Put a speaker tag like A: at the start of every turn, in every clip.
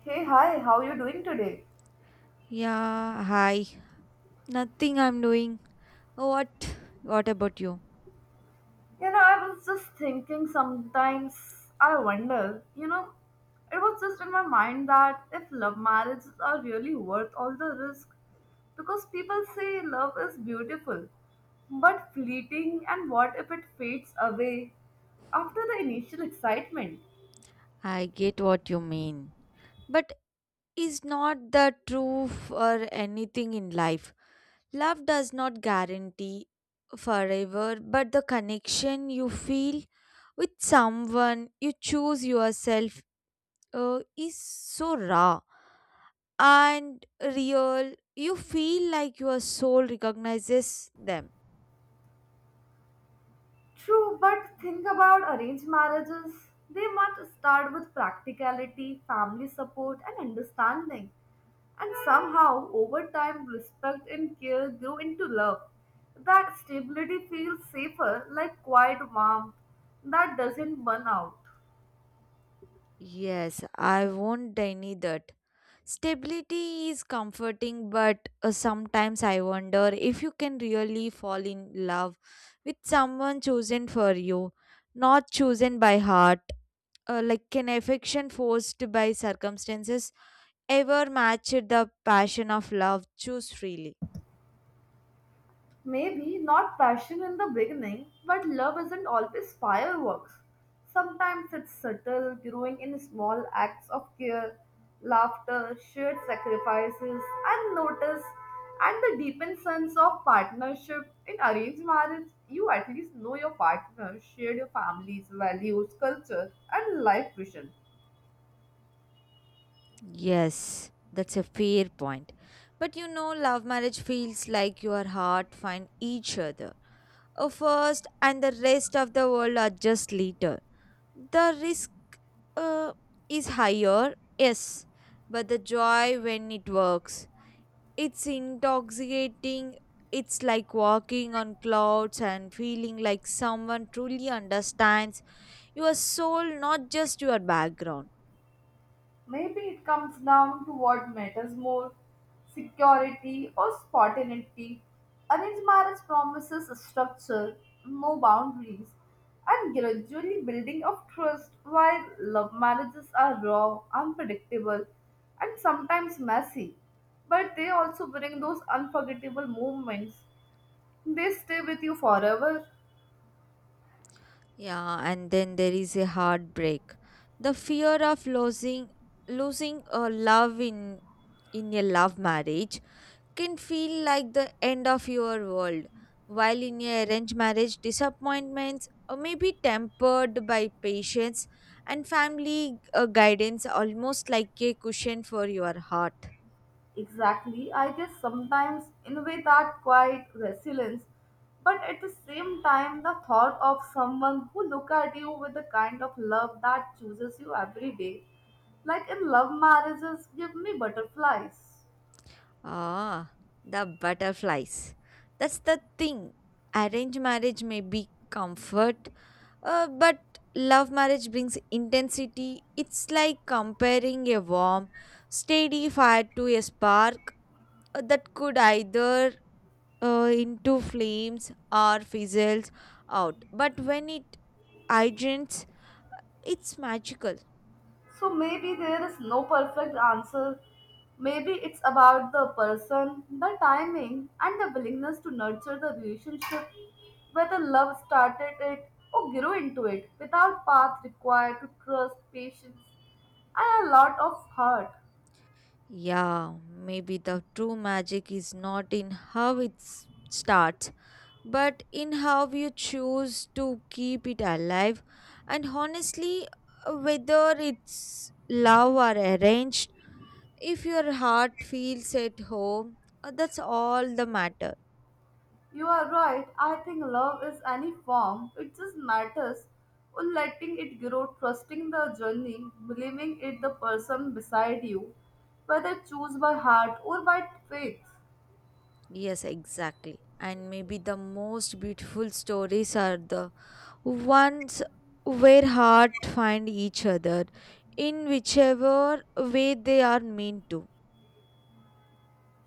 A: Hey, hi, how you doing today?
B: Yeah, hi. Nothing I'm doing. What what about you?
A: I was just thinking sometimes, I wonder, it was just in my mind that if love marriages are really worth all the risk, because people say love is beautiful, but fleeting, and what if it fades away after the initial excitement?
B: I get what you mean. But is not the truth or anything in life. Love does not guarantee forever, but the connection you feel with someone you choose yourself is so raw and real. You feel like your soul recognizes them.
A: True, but think about arranged marriages. They must start with practicality, family support, and understanding. And somehow, over time, respect and care grow into love. That stability feels safer, like quiet warmth that doesn't burn out.
B: Yes, I won't deny that. Stability is comforting, but sometimes I wonder if you can really fall in love with someone chosen for you, not chosen by heart. Like, can affection forced by circumstances ever match the passion of love? Choose freely.
A: Maybe not passion in the beginning, but love isn't always fireworks. Sometimes it's subtle, growing in small acts of care, laughter, shared sacrifices, and notice, and the deepened sense of partnership. In arranged marriage, you at least know your partner, share your family's values, culture, and life vision.
B: Yes, that's a fair point. But you know, love marriage feels like your heart find each other first, and the rest of the world are later the risk uh, is higher, yes, but the joy when it works, it's intoxicating. It's like walking on clouds and feeling like someone truly understands your soul, not just your background.
A: Maybe it comes down to what matters more security or spontaneity. Arranged marriage promises structure, no boundaries, and gradually building of trust, while love marriages are raw, unpredictable, and sometimes messy. But they also bring those unforgettable moments, they stay with you forever.
B: Yeah, and then there is a heartbreak. The fear of losing a love in a love marriage can feel like the end of your world. While in a arranged marriage, disappointments may be tempered by patience and family guidance, almost like a cushion for your heart.
A: Exactly. I guess sometimes, in a way, that quiet resilience, but at the same time, the thought of someone who look at you with the kind of love that chooses you every day, like in love marriages, give me butterflies.
B: Ah, the butterflies. That's the thing. Arranged marriage may be comfort, but love marriage brings intensity. It's like comparing a warm, steady fire to a spark that could either into flames or fizzles out. But when it hydrates, it's magical.
A: So maybe there is no perfect answer. Maybe it's about the person, the timing, and the willingness to nurture the relationship, whether love started it or grew into it, without path required to trust, patience, and a lot of heart.
B: Yeah, maybe the true magic is not in how it starts, but in how you choose to keep it alive. And honestly, whether it's love or arranged, if your heart feels at home, that's all the matter.
A: You are right, I think love is any form, it just matters on letting it grow, trusting the journey, believing it the person beside you, whether choose by heart or by faith.
B: Yes, exactly. And maybe the most beautiful stories are the once where heart find each other in whichever way they are meant to.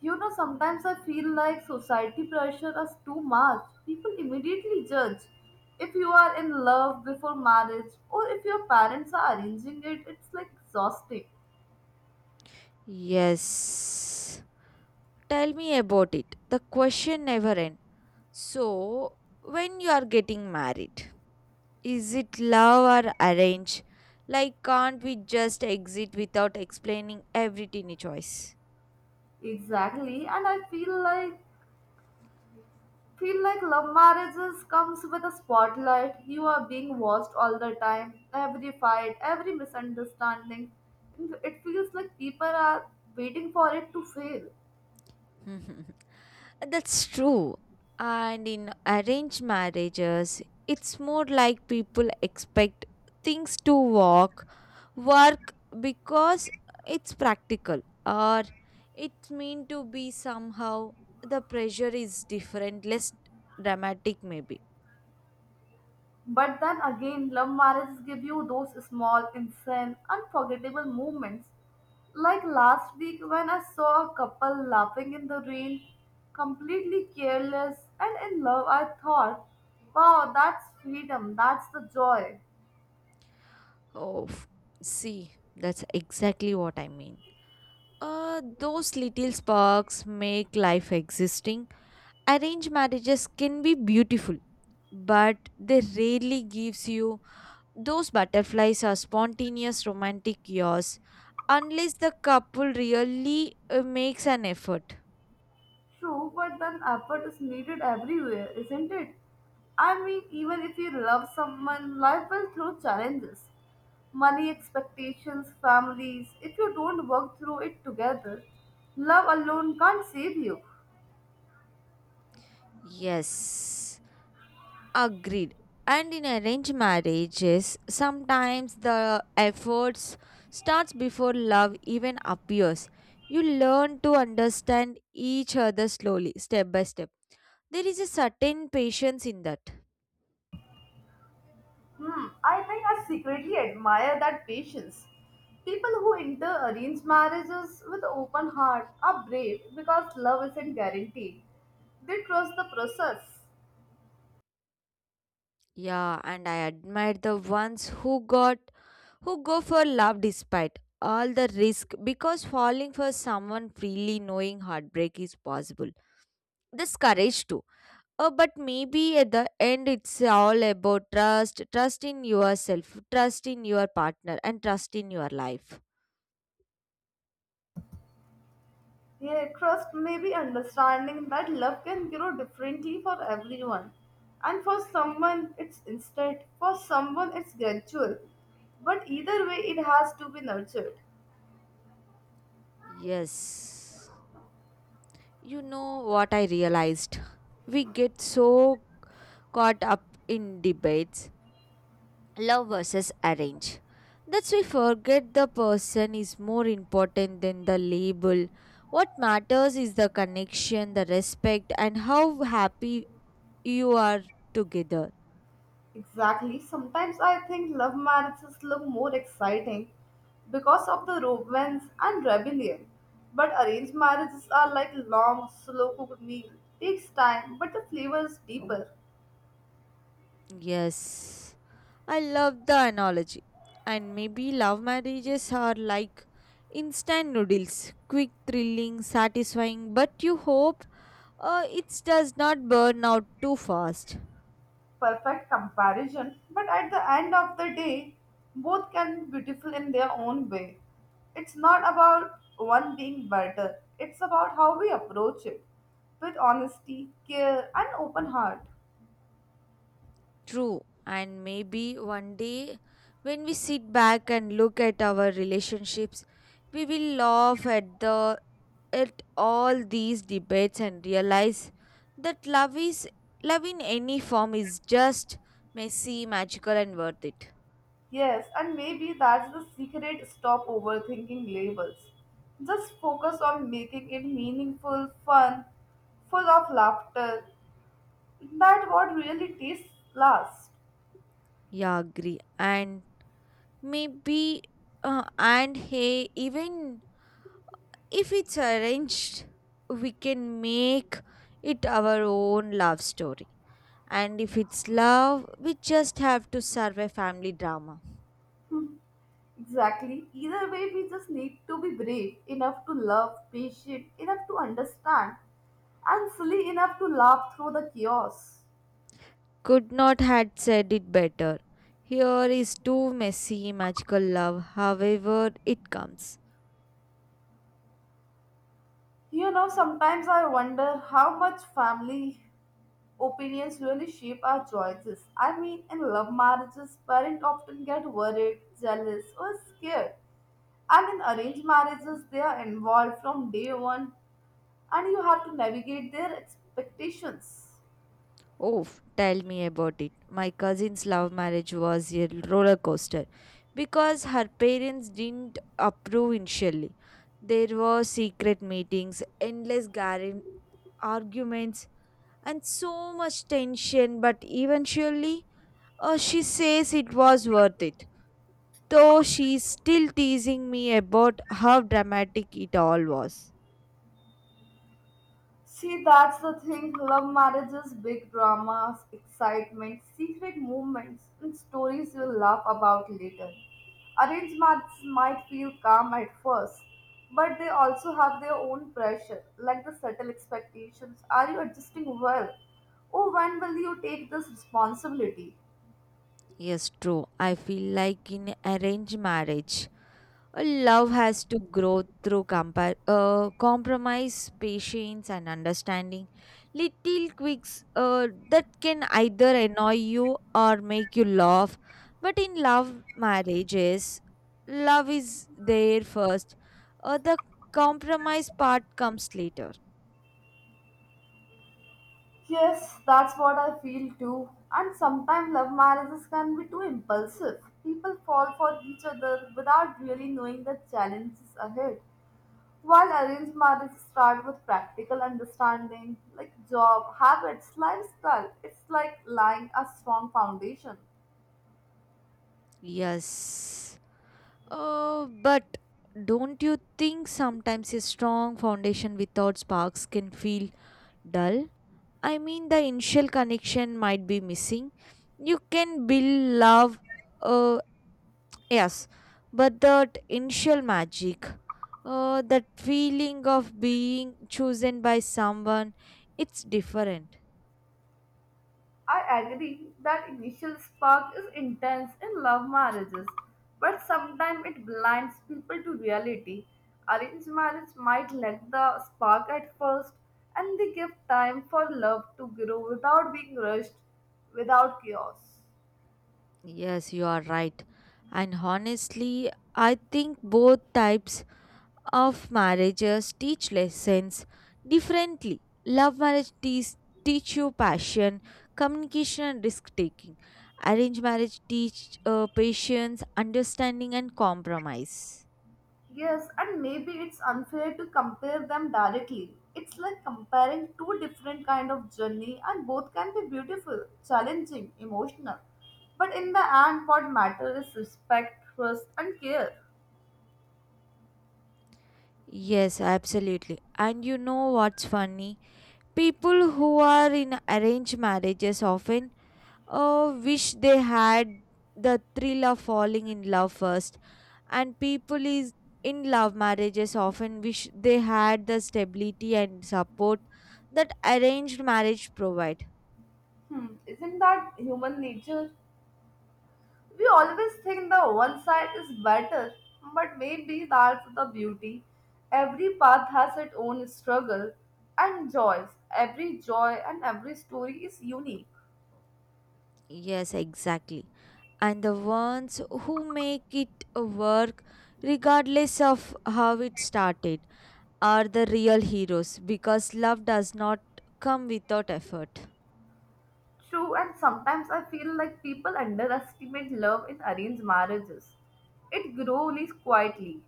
A: Sometimes I feel like society pressure us too much. People immediately judge. If you are in love before marriage or if your parents are arranging it, it's like exhausting.
B: Yes. Tell me about it. The question never ends. So, when you are getting married, is it love or arrange? Like, can't we just exit without explaining every teeny choice?
A: Exactly. And I feel like love marriages comes with a spotlight. You are being watched all the time. Every fight, every misunderstanding. It feels like people are waiting for it to fail.
B: That's true. And in arranged marriages, it's more like people expect things to work because it's practical or it's meant to be somehow. The pressure is different, less dramatic, maybe.
A: But then again, love marriages give you those small, insane, unforgettable moments. Like last week when I saw a couple laughing in the rain, completely careless and in love, I thought, wow, that's freedom, that's the joy.
B: Oh, see, that's exactly what I mean. Those little sparks make life existing. Arranged marriages can be beautiful, but they rarely gives you those butterflies or spontaneous romantic yours unless the couple really makes an effort.
A: True, but then effort is needed everywhere, isn't it? I mean, even if you love someone, life will throw challenges. Money expectations, families, if you don't work through it together, love alone can't save you.
B: Yes, agreed. And in arranged marriages sometimes the efforts starts before love even appears. You learn to understand each other slowly, step by step. There is a certain patience in that.
A: Hmm, I think I secretly admire that patience. People who enter arranged marriages with open heart are brave because love isn't guaranteed. They trust the process.
B: Yeah, and I admire the ones who go for love despite all the risk because falling for someone freely knowing heartbreak is possible. This courage too. Oh, but maybe at the end it's all about trust, trust in yourself, trust in your partner, and trust in your life.
A: Yeah, trust may be understanding that love can grow differently for everyone. And for someone, it's instant. For someone, it's gradual. But either way, it has to be nurtured.
B: Yes. You know what I realized? We get so caught up in debates love versus arrange, that's we forget the person is more important than the label. What matters is the connection, the respect, and how happy you are together.
A: Exactly. Sometimes I think love marriages look more exciting because of the romance and rebellion. But arranged marriages are like long, slow cooked meal. Takes time, but the flavor is deeper.
B: Yes, I love the analogy. And maybe love marriages are like instant noodles, quick, thrilling, satisfying, but you hope it does not burn out too fast.
A: Perfect comparison, but at the end of the day, both can be beautiful in their own way. It's not about one being better, it's about how we approach it with honesty, care, and open heart.
B: True. And maybe one day when we sit back and look at our relationships, we will laugh at the at all these debates and realize that love in any form is just messy, magical, and worth it.
A: Yes, and maybe that's the secret stop overthinking labels. Just focus on making it meaningful, fun, full of laughter. That what really tastes last.
B: Yeah, agree. And maybe, and hey, even if it's arranged, we can make it our own love story. And if it's love, we just have to survive family drama.
A: Exactly. Either way, we just need to be brave enough to love, patient enough to understand, and silly enough to laugh through the chaos.
B: Could not had said it better. Here is too messy magical love, however it comes.
A: Sometimes I wonder how much family opinions really shape our choices. I mean, in love marriages, parents often get worried, jealous, or scared. And in arranged marriages, they are involved from day one, and you have to navigate their expectations.
B: Oh, tell me about it. My cousin's love marriage was a roller coaster because her parents didn't approve initially. There were secret meetings, endless arguments, and so much tension, but eventually she says it was worth it, though she's still teasing me about how dramatic it all was.
A: See, that's the thing. Love marriages, big dramas, excitement, secret movements, and stories you'll laugh about later. Arranged marriages might feel calm at first, but they also have their own pressure, like the subtle expectations. Are you adjusting well? Oh, when will you take this responsibility?
B: Yes, true. I feel like in arranged marriage, a love has to grow through compromise, patience, and understanding. Little quirks that can either annoy you or make you laugh. But in love marriages, love is there first. The compromise part comes later.
A: Yes, that's what I feel too. And sometimes love marriages can be too impulsive. People fall for each other without really knowing the challenges ahead. While arranged marriages start with practical understanding, like job, habits, lifestyle, it's like laying a strong foundation.
B: Yes. But don't you think sometimes a strong foundation without sparks can feel dull? I mean, the initial connection might be missing. You can build love, uh, yes, but that initial magic, that feeling of being chosen by someone, it's different.
A: I agree that initial spark is intense in love marriages, but sometimes it blinds people to reality. Arranged marriage might lack the spark at first, and they give time for love to grow without being rushed, without chaos.
B: Yes, you are right. And honestly, I think both types of marriages teach lessons differently. Love marriage teach you passion, communication, and risk taking. Arranged marriage teach patience, understanding, and compromise.
A: Yes, and maybe it's unfair to compare them directly. It's like comparing two different kind of journey and both can be beautiful, challenging, emotional. But in the end what matters is respect, trust and care.
B: Yes, absolutely. And you know what's funny? People who are in arranged marriages often, oh, wish they had the thrill of falling in love first. And people is in love marriages often wish they had the stability and support that arranged marriage provide.
A: Hmm, isn't that human nature? We always think the one side is better, but maybe that's the beauty. Every path has its own struggle and joys. Every joy and every story is unique.
B: Yes, exactly. And the ones who make it work, regardless of how it started, are the real heroes because love does not come without effort.
A: True, and sometimes I feel like people underestimate love in arranged marriages. It grows quietly,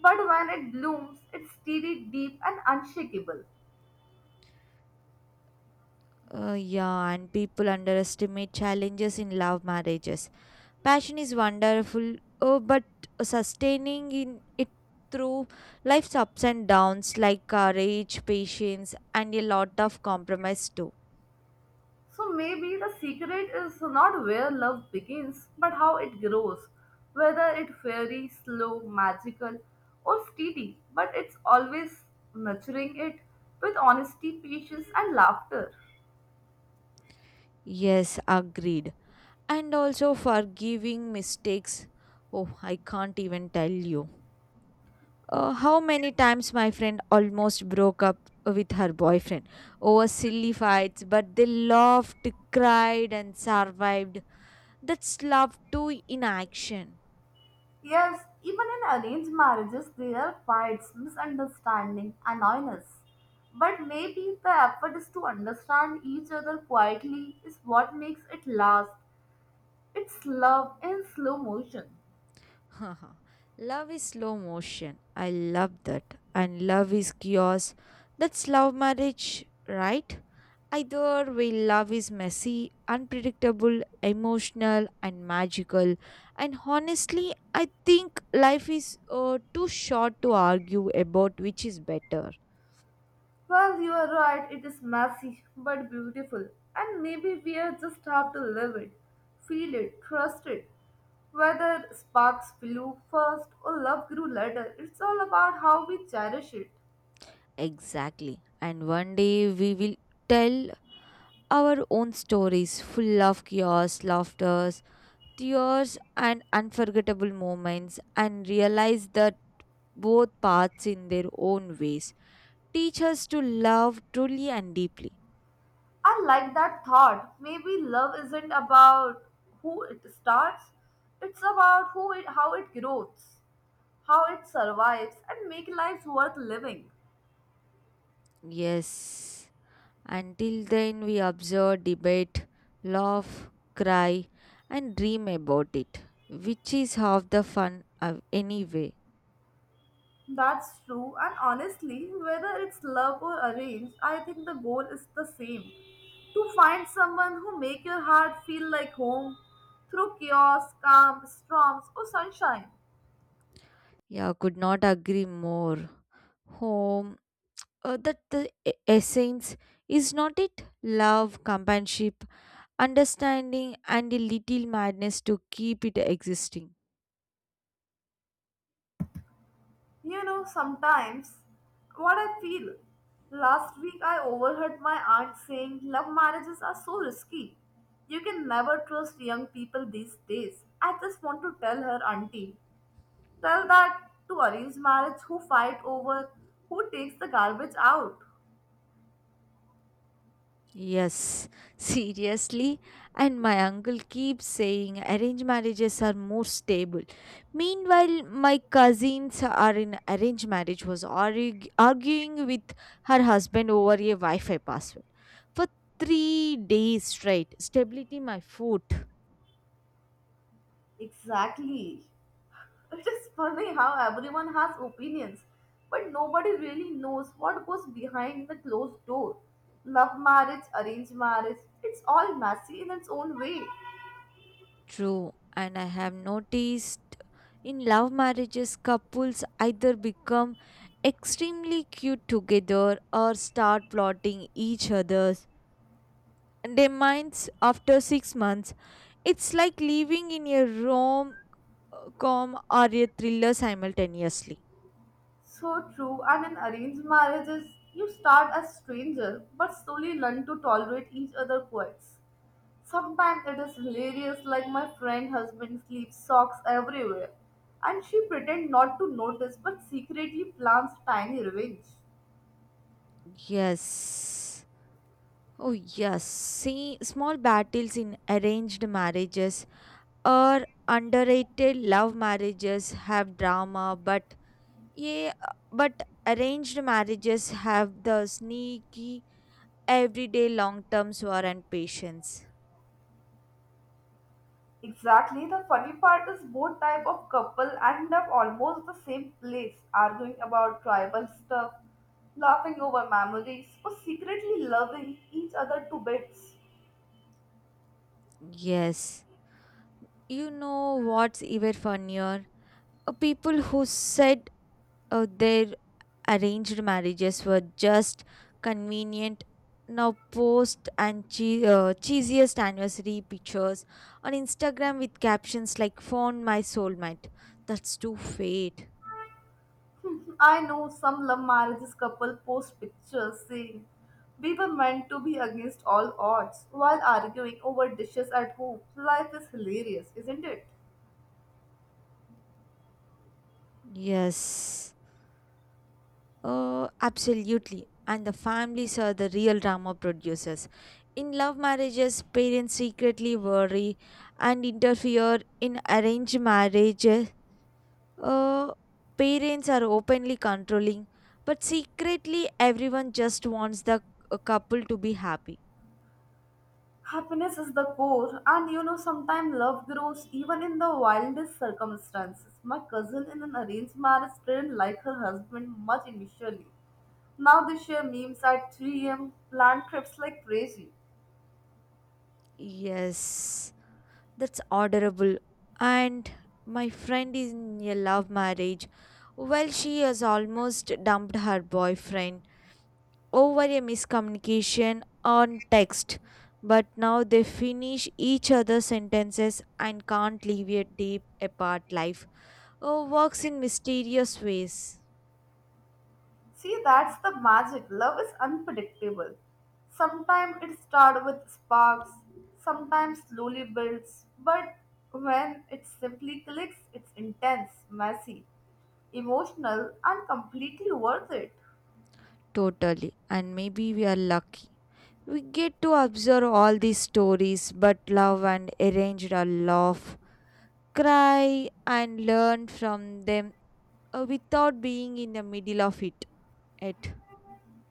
A: but when it blooms, it's steady, deep, and unshakable.
B: Yeah, and people underestimate challenges in love marriages. Passion is wonderful, oh, but sustaining in it through life's ups and downs, like courage, patience, and a lot of compromise too.
A: So maybe the secret is not where love begins, but how it grows, whether it fairy, slow, magical, or steady, but it's always nurturing it with honesty, patience, and laughter.
B: Yes, agreed. And also forgiving mistakes. Oh, I can't even tell you. How many times my friend almost broke up with her boyfriend over silly fights, but they laughed, cried, and survived. That's love too in action.
A: Yes, even in arranged marriages, there are fights, misunderstanding, annoyance. But maybe the effort is to understand each other quietly is what makes it last. It's love in slow motion.
B: Love is slow motion. I love that. And love is chaos. That's love marriage, right? Either way, love is messy, unpredictable, emotional, and magical. And honestly, I think life is too short to argue about which is better.
A: Well, you are right, it is messy but beautiful. And maybe we are just have to live it, feel it, trust it. Whether sparks flew first or love grew later, it's all about how we cherish it.
B: Exactly. And one day we will tell our own stories full of chaos, laughter, tears, and unforgettable moments and realize that both paths in their own ways teach us to love truly and deeply.
A: I like that thought. Maybe love isn't about who it starts, it's about who it how it grows, how it survives and make lives worth living.
B: Yes, until then we observe, debate, laugh, cry, and dream about it, which is half the fun of anyway.
A: That's true and honestly, whether it's love or arranged, I think the goal is the same. To find someone who make your heart feel like home through chaos, calm, storms or sunshine.
B: Yeah, could not agree more. Home, that the essence is not it love, companionship, understanding, and a little madness to keep it existing.
A: You know, sometimes what I feel. Last week I overheard my aunt saying love marriages are so risky. You can never trust young people these days. I just want to tell her auntie. Tell that to arrange marriage who fight over who takes the garbage out.
B: Yes, seriously. And my uncle keeps saying arranged marriages are more stable. Meanwhile, my cousins are in arranged marriage was arguing with her husband over a Wi-Fi password for 3 days straight. Stability, my food.
A: Exactly. It is funny how everyone has opinions, but nobody really knows what goes behind the closed door. Love marriage, arranged marriage, it's all messy in its own way.
B: True, and I have noticed in love marriages, couples either become extremely cute together or start plotting each other's their minds after 6 months. It's like living in a rom com or a thriller simultaneously.
A: So true, and in arranged marriages, you start as strangers but slowly learn to tolerate each other's quirks. Sometimes it is hilarious, like my friend husband sleeps socks everywhere, and she pretend not to notice but secretly plans tiny revenge.
B: Yes. Oh, yes. See, small battles in arranged marriages or underrated love marriages have drama, but yeah, but arranged marriages have the sneaky, everyday long term war and patience.
A: Exactly, the funny part is both type of couple end up almost the same place, arguing about tribal stuff, laughing over memories, or secretly loving each other to bits.
B: Yes. You know what's even funnier? People who said their arranged marriages were just convenient now post and cheesiest anniversary pictures on Instagram with captions like "Found my soulmate." That's too fate.
A: I know some love marriages couple post pictures saying we were meant to be against all odds while arguing over dishes at home. Life is hilarious, isn't it?
B: Yes. Absolutely. And the families are the real drama producers. In love marriages, parents secretly worry and interfere. In arranged marriages, uh, parents are openly controlling, but secretly, everyone just wants the couple to be happy.
A: Happiness is the core, and sometimes love grows even in the wildest circumstances. My cousin in an arranged marriage didn't like her husband much initially. Now they share memes at 3 a.m., plan trips like crazy.
B: Yes, that's orderable. And my friend is in a love marriage. Well, she has almost dumped her boyfriend over a miscommunication on text, but now they finish each other's sentences and can't live a deep apart life. Oh, works in mysterious ways.
A: See, that's the magic. Love is unpredictable. Sometimes it starts with sparks, sometimes slowly builds, but when it simply clicks, it's intense, messy, emotional, and completely worth it.
B: Totally. And maybe we are lucky. We get to observe all these stories, but love and arranged our love, cry and learn from them without being in the middle of it. It.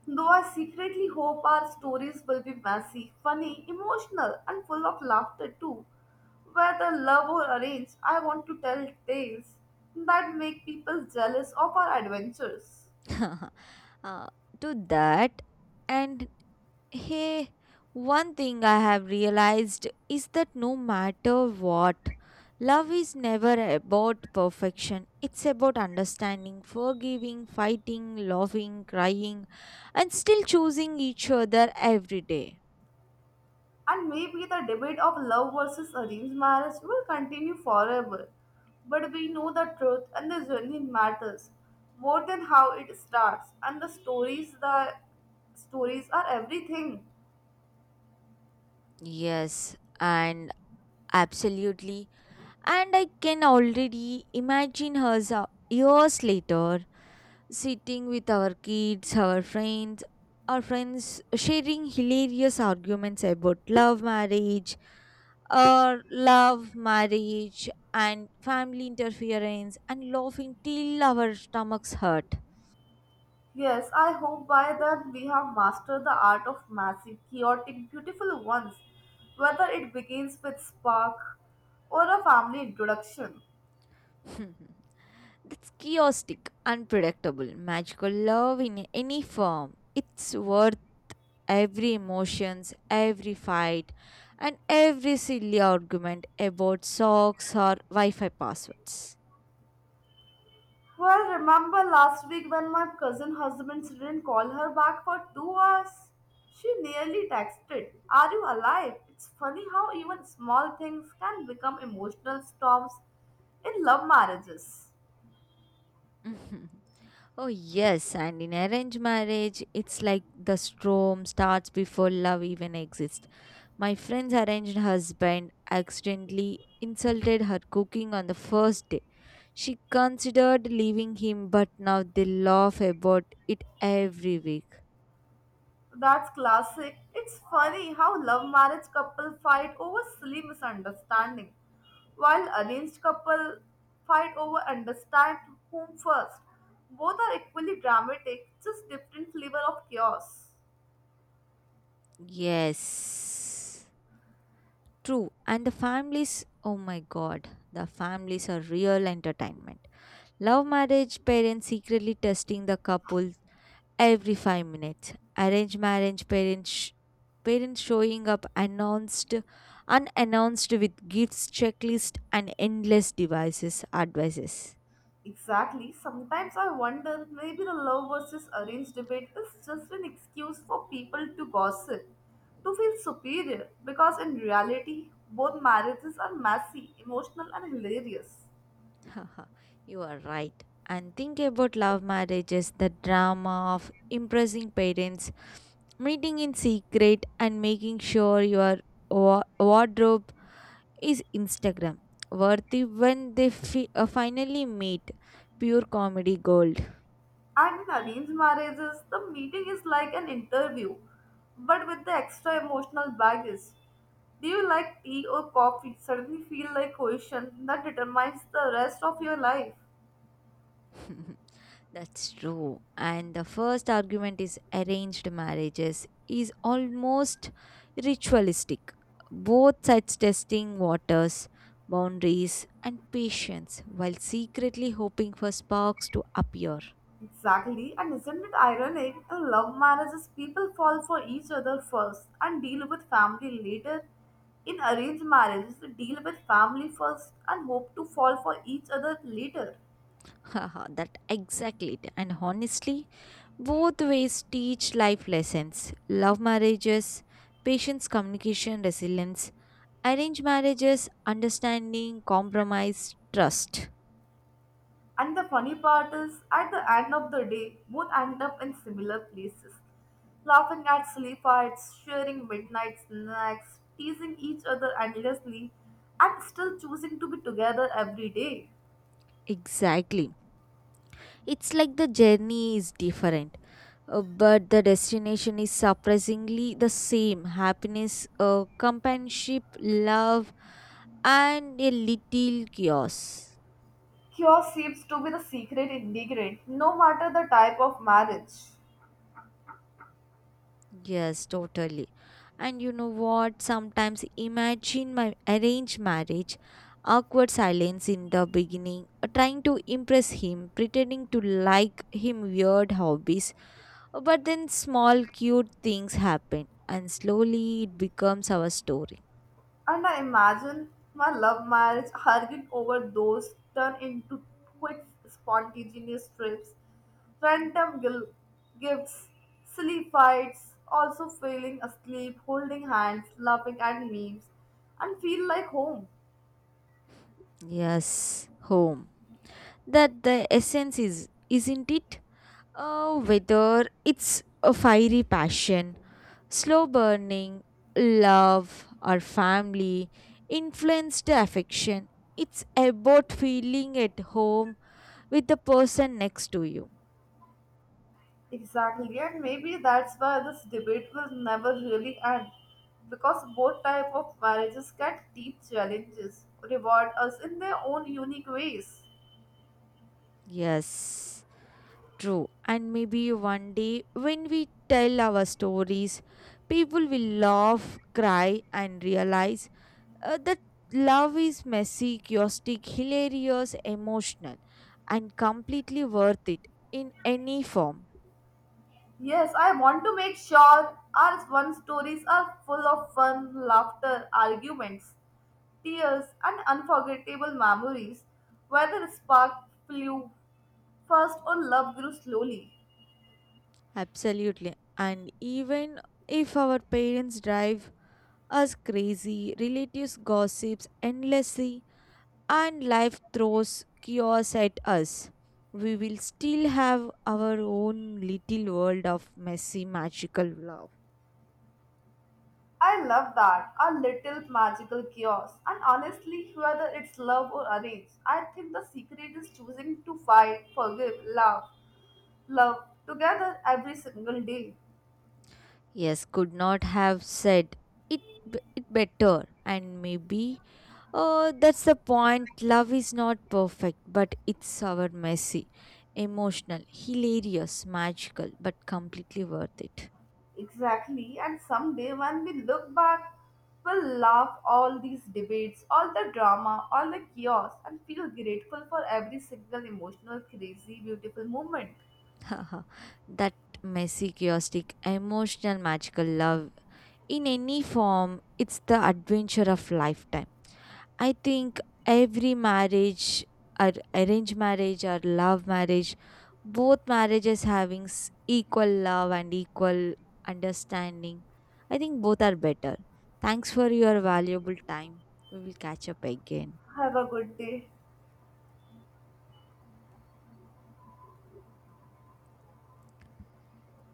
A: Though I secretly hope our stories will be messy, funny, emotional, and full of laughter too. Whether love or arranged, I want to tell tales that make people jealous of our adventures.
B: uh, to that and hey, one thing I have realized is that no matter what, love is never about perfection. It's about understanding, forgiving, fighting, laughing, crying, and still choosing each other every day.
A: And maybe the debate of love versus arranged marriage will continue forever. But we know the truth and the journey matters more than how it starts, and the stories are everything.
B: Yes, and absolutely. And I can already imagine her years later sitting with our kids, our friends sharing hilarious arguments about love marriage or love marriage and family interference and laughing till our stomachs hurt.
A: Yes, I hope by then we have mastered the art of massive, chaotic, beautiful ones, whether it begins with spark or a family introduction.
B: That's chaotic, unpredictable, magical love in any form. It's worth every emotions, every fight, and every silly argument about socks or Wi-Fi passwords.
A: Well, remember last week when my cousin husband didn't call her back for 2 hours? She nearly texted, Are you alive? It's funny how even small things can become emotional storms in love marriages.
B: Oh, yes, and in arranged marriage, it's like the storm starts before love even exists. My friend's arranged husband accidentally insulted her cooking on the first day. She considered leaving him, but now they laugh about it every week.
A: That's classic. It's funny how love marriage couple fight over silly misunderstanding, while arranged couple fight over understand whom first. Both are equally dramatic, just different flavor of chaos.
B: Yes, true. And the families, oh my god, the families are real entertainment. Love marriage parents secretly testing the couple every 5 minutes. Arranged marriage parents showing up announced unannounced with gifts, checklist, and endless devices advices.
A: Exactly. Sometimes I wonder maybe the love versus arranged debate is just an excuse for people to gossip, to feel superior, because in reality, both marriages are messy, emotional, and hilarious.
B: Haha, you are right. And think about love marriages, the drama of impressing parents, meeting in secret, and making sure your wardrobe is Instagram worthy when they finally meet. Pure comedy gold.
A: And in arranged marriages, the meeting is like an interview, but with the extra emotional baggage. Do you like tea or coffee? Suddenly feel like question that determines the rest of your life.
B: That's true. And the first argument is arranged marriages is almost ritualistic. Both sides testing waters, boundaries, and patience while secretly hoping for sparks to appear.
A: Exactly, and isn't it ironic? In love marriages, people fall for each other first and deal with family later. In arranged marriages, they deal with family first and hope to fall for each other later.
B: Haha, that exactly it. And honestly, both ways teach life lessons. Love marriages, patience, communication, resilience. Arranged marriages, understanding, compromise, trust.
A: And the funny part is, at the end of the day, both end up in similar places, laughing at silly fights, sharing midnight snacks, teasing each other endlessly, and still choosing to be together every day.
B: Exactly. It's like the journey is different, but the destination is surprisingly the same happiness, companionship, love, and a little chaos.
A: Cure seems to be the secret ingredient, no matter the type of marriage.
B: Yes, totally. And you know what? Sometimes imagine my arranged marriage, awkward silence in the beginning, trying to impress him, pretending to like him weird hobbies. But then small cute things happen, and slowly it becomes our story.
A: And I imagine my love marriage arguing over those turn into quick, spontaneous trips, random gifts, silly fights, also falling asleep, holding hands, laughing at memes, and feel like home.
B: Yes, home. That the essence is, isn't it? Whether it's a fiery passion, slow burning love, or family influenced affection. It's about feeling at home with the person next to you.
A: Exactly, and maybe that's why this debate will never really end, because both type of marriages get deep challenges, reward us in their own unique ways.
B: Yes, true. And maybe one day when we tell our stories, people will laugh, cry, and realize that love is messy, chaotic, hilarious, emotional, and completely worth it in any form.
A: Yes, I want to make sure our fun stories are full of fun, laughter, arguments, tears, and unforgettable memories where the spark flew first or love grew slowly.
B: Absolutely. And even if our parents drive us crazy, relatives gossips endlessly, and life throws chaos at us, we will still have our own little world of messy, magical love.
A: I love that, a little magical chaos. And honestly, whether it's love or arranged, I think the secret is choosing to fight, forgive, love together every single day.
B: Yes, could not have said it, it better, and maybe, oh, that's the point. Love is not perfect, but it's our messy, emotional, hilarious, magical, but completely worth it.
A: Exactly, and someday when we look back, we'll laugh all these debates, all the drama, all the chaos, and feel grateful for every single emotional, crazy, beautiful moment.
B: Haha, that messy, chaotic, emotional, magical love in any form, it's the adventure of lifetime. I think every marriage, or arranged marriage or love marriage, both marriages having equal love and equal understanding. I think both are better. Thanks for your valuable time. We will catch up again.
A: Have a good day.